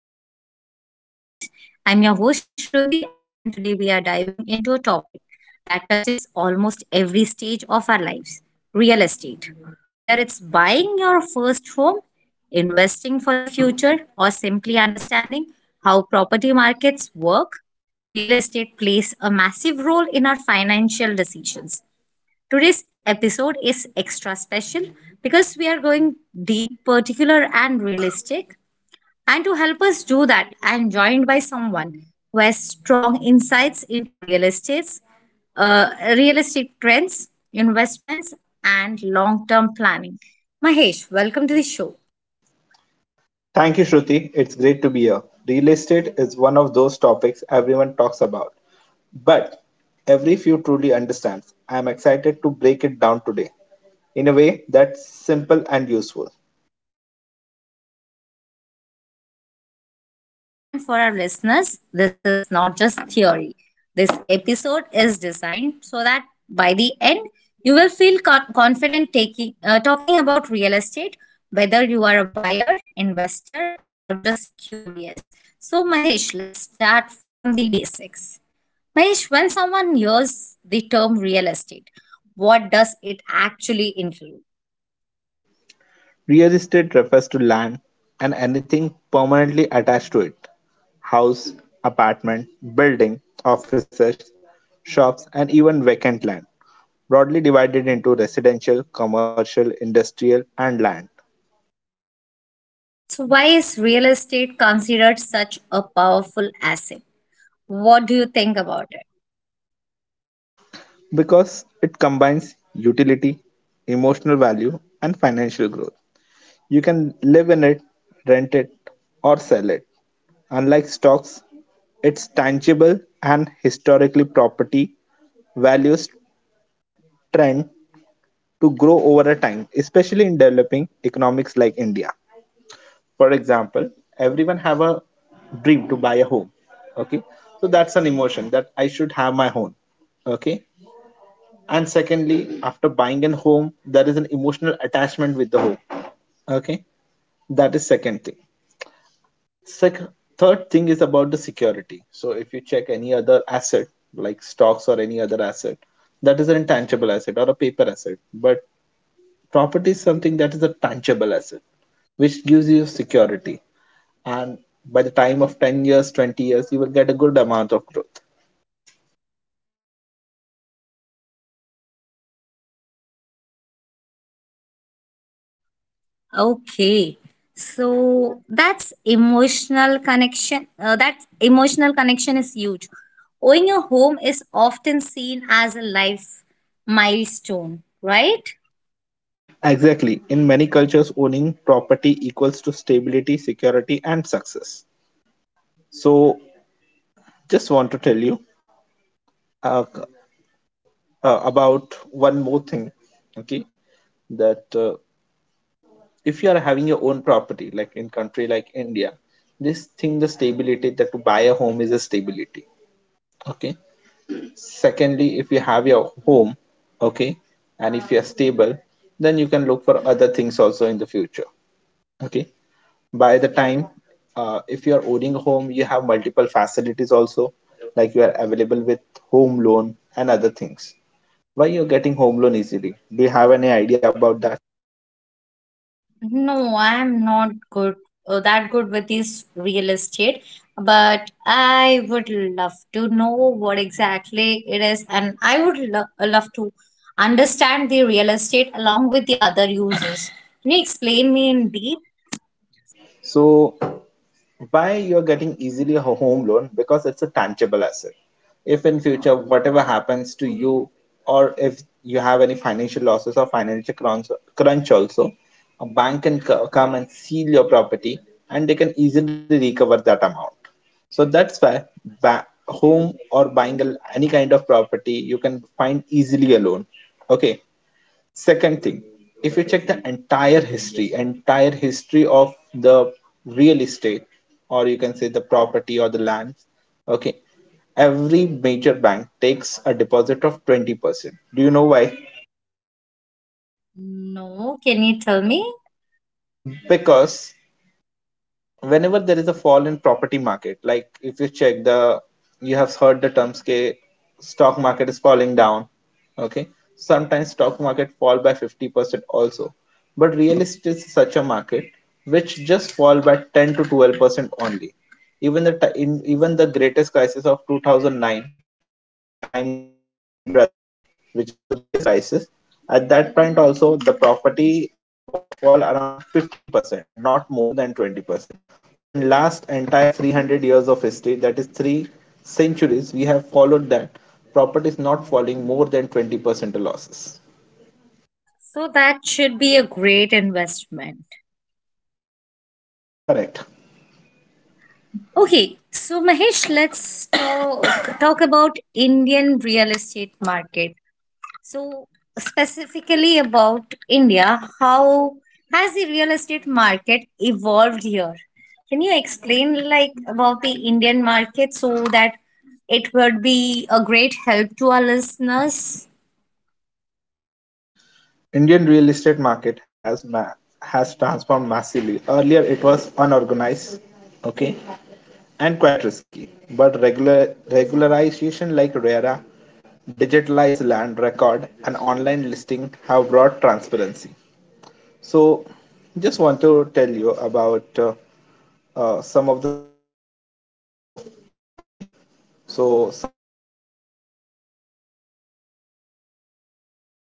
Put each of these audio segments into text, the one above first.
exciting episode of our podcast. I'm your host, Shruti, and today we are diving into a topic that touches almost every stage of our lives real estate. Whether it's buying your first home, investing for the future, or simply understanding how property markets work, real estate plays a massive role in our financial decisions. Today's episode is extra special because we are going deep, particular, and realistic. And to help us do that, I am joined by someone who has strong insights into real estates, uh, real estate trends, investments, and long term planning. Mahesh, welcome to the show. Thank you, Shruti. It's great to be here. Real estate is one of those topics everyone talks about, but every few truly understands. I am excited to break it down today in a way that's simple and useful. Absolutely. And for our listeners, this is not just theory. This episode is designed so that by the end, you will feel confident taking talking about real estate, whether you are a buyer, investor, or just curious. So, Mahesh, let's start from the basics. Mahesh, when someone hears the term real estate, what does it actually include? Real estate refers to land and anything permanently attached to it: house, apartment, building, offices, shops, and even vacant land, broadly divided into residential, commercial, industrial, and land. So, why is real estate considered such a powerful asset? What do you think about it? Because it combines utility, emotional value, and financial growth. You can live in it, rent it, or sell it. Unlike stocks, it's tangible and historically property values trend to grow over a time, especially in developing economics like India. For example, everyone have a dream to buy a home. Okay, so that's an emotion that I should have my own. Okay, and secondly after buying a home there is an emotional attachment with the home, okay, that is second thing. Sec- third thing is about the security. So if you check any other asset like stocks or any other asset, that is an intangible asset or a paper asset, but property is something that is a tangible asset which gives you security. And by the time of 10 years 20 years you will get a good amount of growth. Okay. So that's emotional connection. That emotional connection is huge. Owning a home is often seen as a life milestone, right? Exactly, in many cultures owning property equals to stability, security and success. So, just want to tell you uh, about one more thing, okay? That if you are having your own property, like in country like India, this thing, the stability that to buy a home is a stability, okay? Secondly, if you have your home, okay, and if you are stable, then you can look for other things also in the future, okay? By the time, if you are owning a home, you have multiple facilities also, like you are available with home loan and other things. Why you're getting home loan easily? Do you have any idea about that? No, I'm not good that good with this real estate, but I would love to know what exactly it is, and I would lo love to understand the real estate along with the other uses. Can you explain me in deep? Yes, so why you're getting easily a home loan? Because it's a tangible asset. If in future whatever happens to you, or if you have any financial losses or financial crunch also, a bank can come and seal your property, and they can easily recover that amount. So that's why home or buying any kind of property you can find easily a loan, okay. Second thing, if you check the entire history of the real estate, or you can say the property or the land, okay, every major bank takes a deposit of 20%. Do you know why? No, can you tell me? Because whenever there is a fall in property market, like if you check the you have heard the terms ke stock market is falling down, okay, sometimes stock market fall by 50% also, but real estate is such a market which just fall by 10 to 12% only. Even the greatest crisis of 2009, at the time of Lehman Brothers, which is the biggest crisis, at that point also the property was fall around 15%, not more than 20%. So in last entire 300 years of history, that is 3 centuries, we have followed that property is not falling more than 20% losses. So that should be a great investment. Correct. Okay, so Mahesh, let's talk, talk about Indian real estate market. So, specifically about India, how has the real estate market evolved here? Can you explain like about the Indian market so that it would be a great help to our listeners? Indian real estate market has transformed massively. Earlier it was unorganized, okay, and quite risky. But regularization like RERA, digitalized land record, and online listing have brought transparency. So, just want to tell you about some of the cities example also. Okay, so some of the cities have grown drastically, like Mumbai, Pune also.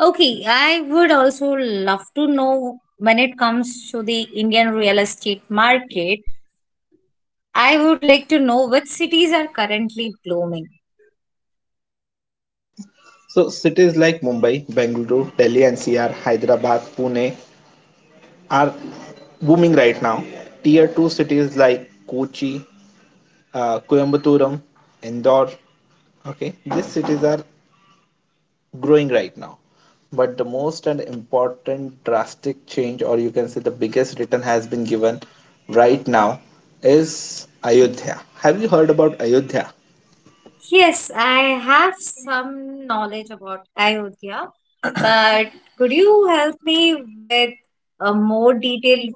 Okay, I would also love to know when it comes to the Indian real estate market, I would like to know which cities are currently blooming. So cities like Mumbai, Bengaluru, Delhi NCR, Hyderabad, Pune are booming right now. Tier 2 cities like Kochi, Coimbatore, Indore. Okay, these cities are growing right now. But the most and important drastic change, or you can say the biggest return, has been given right now is Ayodhya. Have you heard about Ayodhya? Yes, I have some knowledge about Ayodhya, but could you help me with a more detailed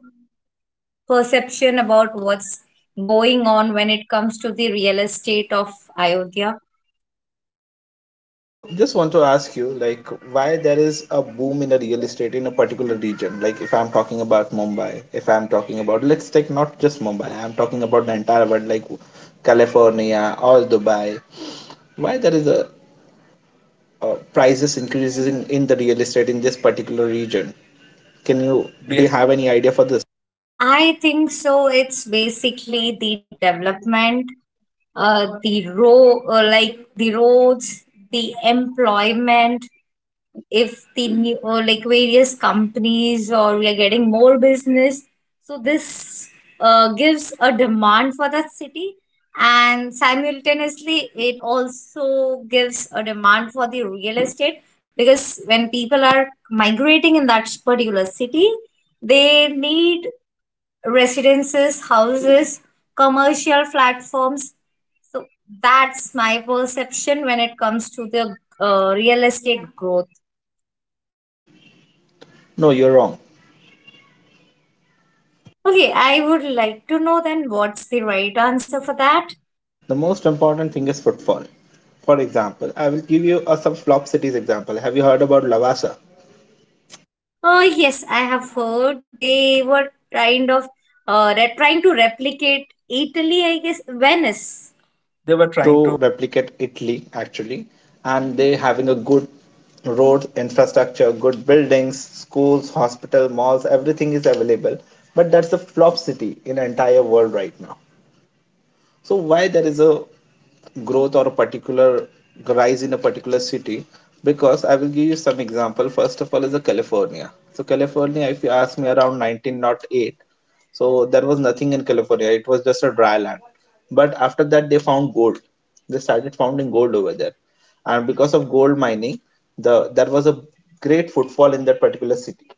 perception about what's going on when it comes to the real estate of Ayodhya? So just want to ask you, like, why there is a boom in the real estate in a particular region? Like, if I'm talking about Mumbai, if I'm talking about, let's take not just Mumbai, I'm talking about the entire world, like California or Dubai. Why there is a prices increasing in the real estate in this particular region? Can Can you you do you do you have any idea for this? I think so. It's basically the development, like the roads, the employment, if the new or like various companies or we are getting more business, so this gives a demand for that city, and simultaneously it also gives a demand for the real estate, because when people are migrating in that particular city they need residences, houses, commercial platforms. So that's my perception when it comes to the real estate growth. No, you're wrong. Okay, I would like to know then what's the right answer for that. The most important thing is footfall. For example, I will give you a some flop cities example. Have you heard about Lavasa? Oh yes, I have heard they were kind of trying to replicate Italy, I guess Venice. They were Trying trying to to. replicate Italy actually, and they having a good road infrastructure, good buildings, schools, hospital, malls, everything is available. But that's a flop city in entire world right now. So why there is a growth or a particular rise in a particular city? Because I will give you some example. First of all is the California. So California, if you ask me, around 1908, so there was nothing in California, it was just a dry land. But after that they found gold, they started founding gold over there, and because of gold mining, there was a great footfall in that particular city.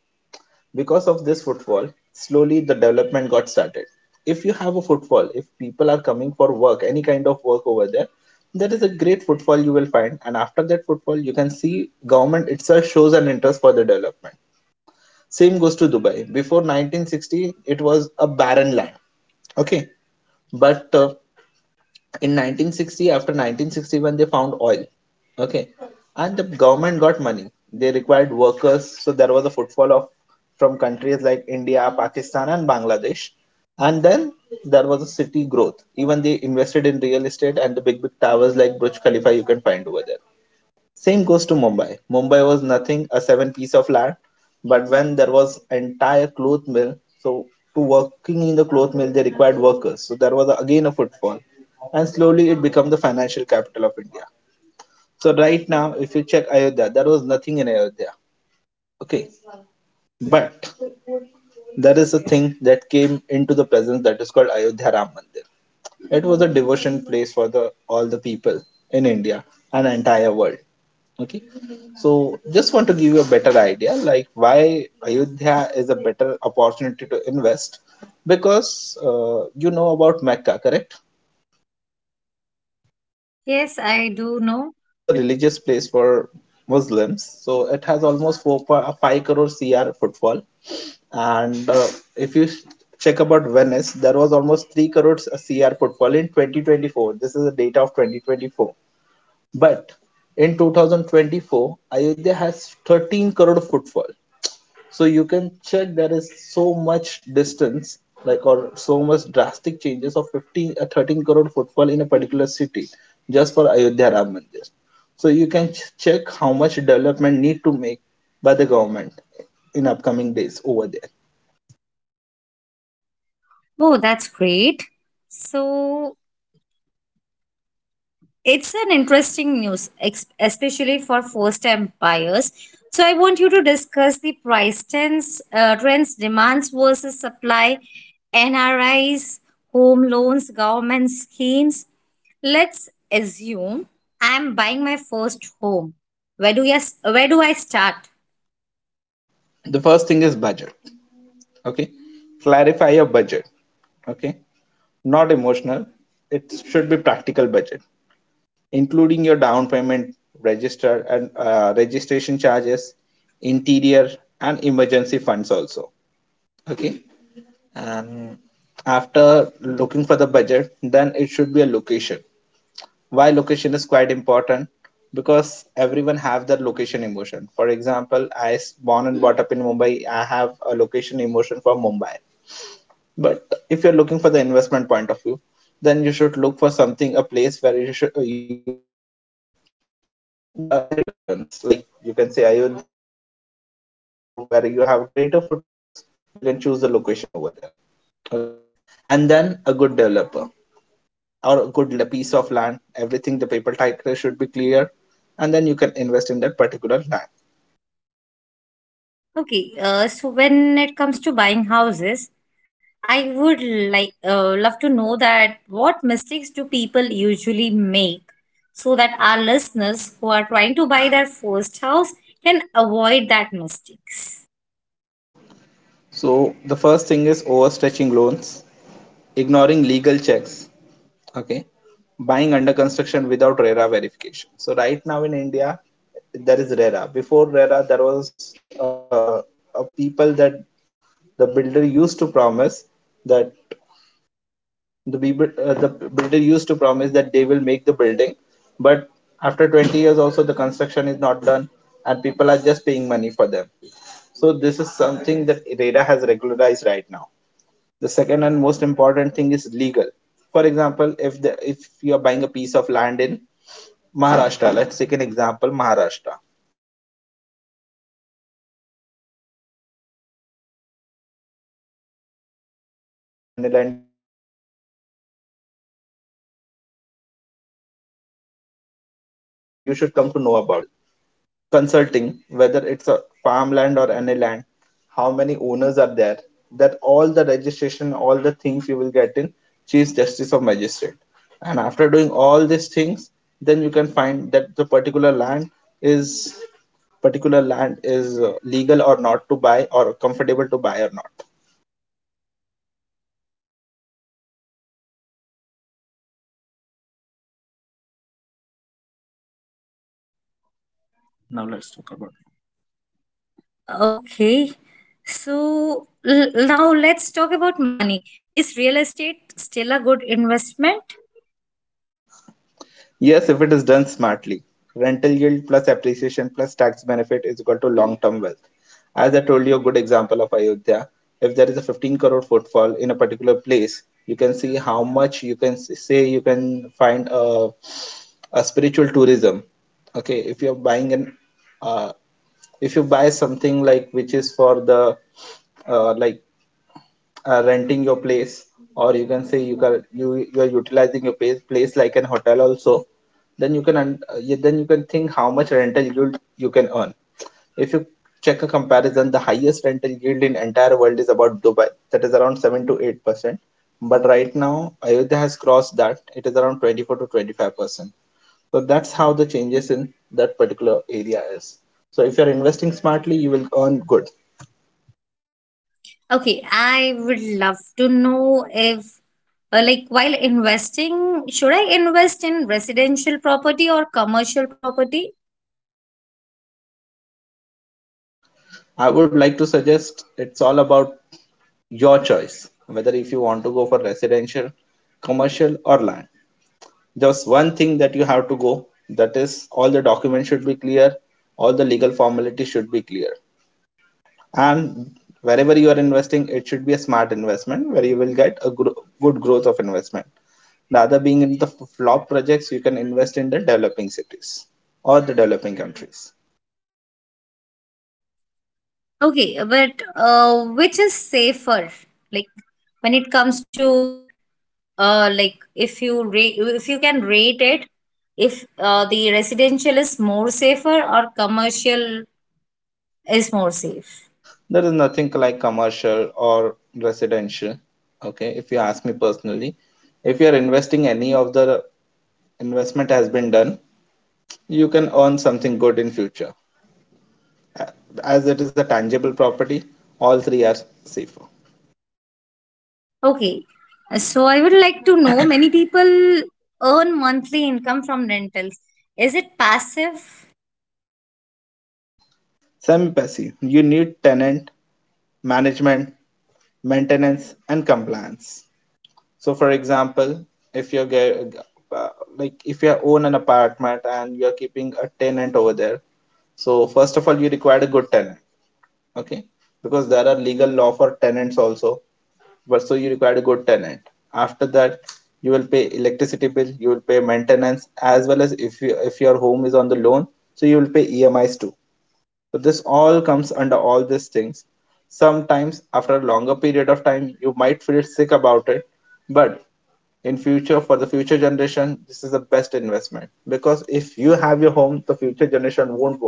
Because of this footfall, slowly the development got started. If you have a footfall, if people are coming for work, any kind of work over there, that is a great footfall you will find. And after that footfall, you can see government itself shows an interest for the development. Same goes to Dubai. Before 1960, it was a barren land. Okay, but in 1960 after 1961 they found oil, okay, and the government got money. They required workers, so there was a footfall of from countries like India, Pakistan and Bangladesh. And then there was a city growth, even they invested in real estate, and the big big towers like Burj Khalifa you can find over there. Same goes to Mumbai. Mumbai was nothing, a seven piece of land, but when there was entire cloth mill, so to working in the cloth mill they required workers. So there was again a footfall, and slowly it became the financial capital of India. So right now, if you check Ayodhya, there was nothing in Ayodhya. Okay, but there is a thing that came into the presence that is called Ayodhya Ram Mandir. It was a devotion place for the all the people in India and entire world. Okay, so just want to give you a better idea, like why Ayodhya is a better opportunity to invest, because you know about Mecca, correct? Yes, I do know. Which is a religious place for Muslims. So it has almost five crore CR footfall, and if you check about Venice, there was almost three crores CR footfall in 2024. This is the data of 2024. But in 2024, Ayodhya has 13 crore footfall. So you can check there is so much distance, like or so much drastic changes of 15 13 crore footfall in a particular city just for Ayodhya Ram Mandir. So you can check how much development need to make by the government in upcoming days over there. Oh, that's great. So it's an interesting news, especially for first-time buyers. So I want you to discuss the trends, demands versus supply, NRIs, home loans, government schemes. Let's assume I'm buying my first home. Where do yes, where do I start? The first thing is budget. Okay, clarify your budget. Okay, not emotional. It should be practical budget, including your down payment, register and registration charges, interior and emergency funds also. Okay, and after looking for the budget, then it should be a location. Why location is quite important? Because everyone have their location emotion. For example, I born and brought up in Mumbai, I have a location emotion for Mumbai. But if you're looking for the investment point of view, then you should look for something a place where you will get greater returns. Like you can say Ayodhya, Mumbai, Bangalore, where you have greater footfalls, you can choose the location over there. Okay. And then a good developer or a good piece of land, everything the paper title should be clear, and then you can invest in that particular land. Okay, so when it comes to buying houses, I would like love to know that what mistakes do people usually make, so that our listeners who are trying to buy their first house can avoid that mistakes. So the first thing is overstretching loans, ignoring legal checks, okay, buying under construction without RERA verification. So right now in India there is RERA. Before RERA there was a people that the builder used to promise that the builder used to promise that they will make the building, but after 20 years also the construction is not done and people are just paying money for them. So this is something that RERA has regularized right now. The second and most important thing is legal. For example, if you are buying a piece of land in Maharashtra. Let's take an example, Maharashtra. Okay. So when you're buying a piece of land, there is no RERA over there. Okay. Whether it is farmland or any land, you should come to know about that. But to clarify all these things, you should have a good lawyer who can provide you a good legal consulting, whether it's a farmland or any land, how many owners are there, that all the registration, all the things you will get in Chief Justice of Magistrate. And after doing all these things, then you can find that the is particular land is legal or not to buy or comfortable to buy or not. Now let's talk about it. Okay. So now let's talk about money. Is real estate still a good investment? Yes, if it is done smartly. Rental yield plus appreciation plus tax benefit is equal to long term wealth. As I told you, a good example of Ayodhya. If there is a 15 crore footfall in a particular place, you can see how much you can say you can find a spiritual tourism. Okay, if you're buying an, uh, if you buy something like which is for the uh, like renting your place, or you can say you can you are utilizing your place, place like an hotel also, then you can then you can think how much rental yield you can earn. If you check a comparison, the highest rental yield in entire world is about Dubai, that is around 7 to 8 percent, but right now Ayodhya has crossed that. It is around 24 to 25 percent. So that's how the changes in that particular area is. So if you're investing smartly, you will earn good. Okay, I would love to know if, like, while investing, should I invest in residential property or commercial property? I would like to suggest it's all about your choice, whether if you want to go for residential, commercial or land. Just one thing that you have to go, that is all the documents should be clear, all the legal formalities should be clear, and wherever you are investing it should be a smart investment where you will get a good growth of investment, rather being in the flop projects. You can invest in the developing cities or the developing countries. Okay, but which is safer? Like, when it comes to, like, if you rate, if you can rate it, if the residential is more safer or commercial is more safe. There is nothing like commercial or residential. Okay, if you ask me personally, if you are investing, any of the investment has been done, you can earn something good in future. A- As it is a tangible property, all three are safer. Okay. So I would like to know many people earn monthly income from rentals. Is it passive? Semi-passive, you need tenant management, maintenance, and compliance. So, for example, if you're uh, if you own an apartment and you're keeping a tenant over there, so first of all, you require a good tenant. Okay, because there are legal law for tenants also, but so you require a good tenant. After that, you will pay electricity bill, you will pay maintenance, as well as if you if your home is on the loan, so you will pay emis too. So this all comes under all these things. Sometimes after a longer period of time you might feel sick about it, but in future for the future generation this is the best investment, because if you have your home the future generation won't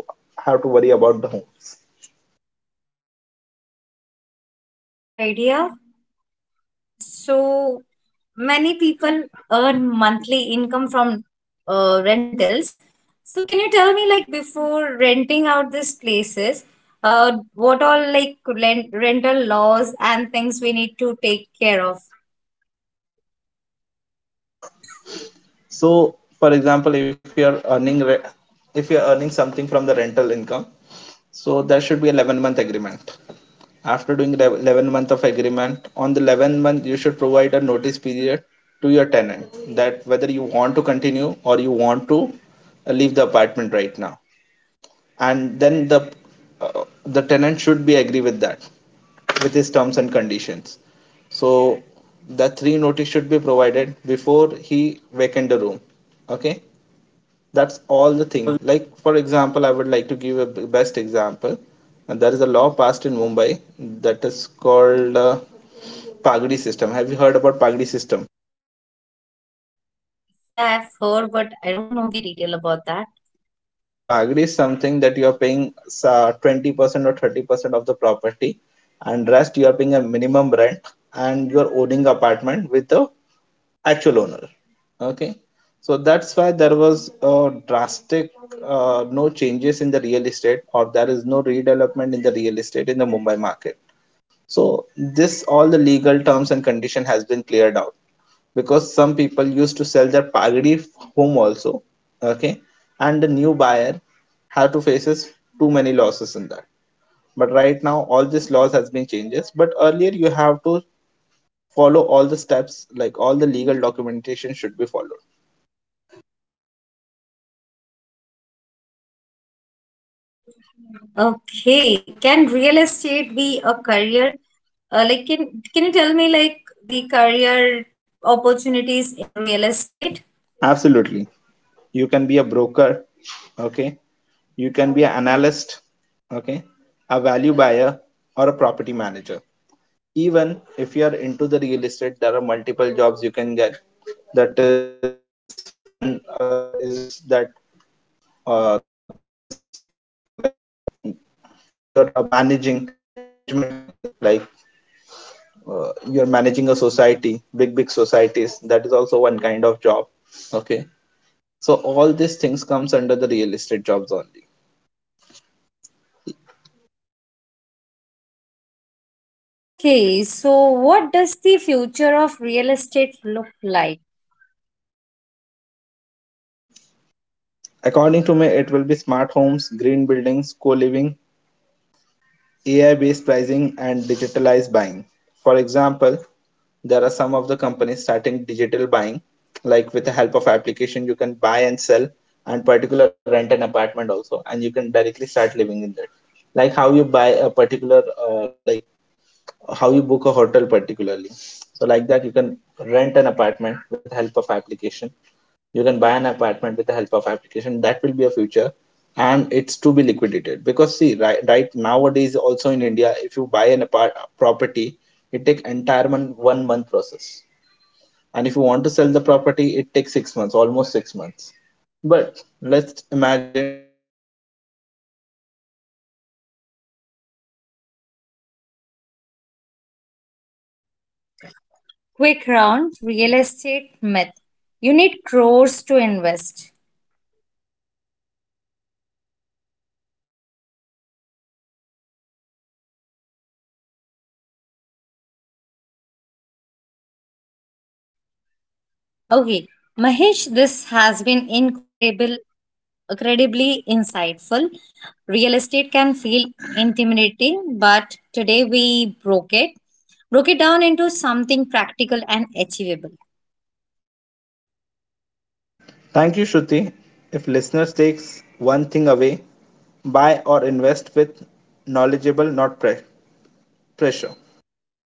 have to worry about the homes. That's a great idea. So many people earn monthly income from rentals. So can you tell me like before renting out these places, what all like rental laws and things we need to take care of? So, for example, if you're if you're earning something from the rental income, so there should be a 11-month agreement. After doing the 11 month of agreement, on the 11 month you should provide a notice period to your tenant that whether you want to continue or you want to leave the apartment right now. And then the tenant should be agree with that, with his terms and conditions. So the three notice should be provided before he vacant the room. Okay, that's all That's the all. thing. Like for example, I would like to give a best example. And there is a law passed in Mumbai, that is called pagdi system. Have you heard about pagdi system? Yeah, I've heard, but I don't know the detail about that. So pagdi is something that you are paying 20% or 30% of the property, and rest you are paying a minimum rent, and you are owning apartment with the actual owner. Okay, so that's why there was a drastic no changes in the real estate, or there is no redevelopment in the real estate in the Mumbai market. So this all the legal terms and condition has been cleared out, because some people used to sell their pagadi home also. Okay, and the new buyer had to faces too many losses in that. But right now all this laws has been changes, but earlier you have to follow all the steps, like all the legal documentation should be followed. Okay. Can real estate be a career? Like, can you tell me like the career opportunities in real estate? Absolutely. You can be a broker, okay? You can be an analyst, okay? A value buyer or a property manager. Even if you are into the real estate, there are multiple jobs you can get. That is one is that that is like you're managing like management company, like you're managing a society, big big societies. That is also one kind of job, okay? So all these things comes under the real estate jobs only. Okay. So, what does the future of real estate look like? According to me, it will be smart homes, green buildings, co living, AI based pricing, and digitalized buying. For example, there are some of the companies starting digital buying, like with the help of application, you can buy and sell and particular rent an apartment also, and you can directly start living in that. Like how you buy a particular, uh, like how you book a hotel particularly. So like that, you can rent an apartment with help of application, you can buy an apartment with the help of application. That will be a future, and it's to be liquidated, because see right nowadays also in India, if you buy an apart property, it takes entire month, 1 month process. And if you want to sell the property, it takes 6 months, almost 6 months. But let's imagine a future world where in just one click you will get an application where you can buy a property and sell a property. Quick round, real estate myth. You need crores to invest. False, you need planning, not rows. Okay, Mahesh, this has been incredibly insightful. Real estate can feel intimidating, but today we broke it down into something practical and achievable. Thank you, Shruti. If listeners takes one thing away, buy or invest with knowledgeable, not Sure. pressure.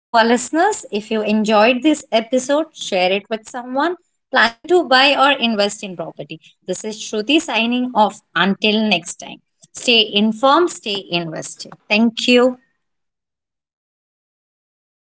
To our listeners, if you enjoyed this episode, share it with someone planning to buy or invest in property. This is Shruti signing off. Until next time, stay informed, stay invested. Thank you. Thank you.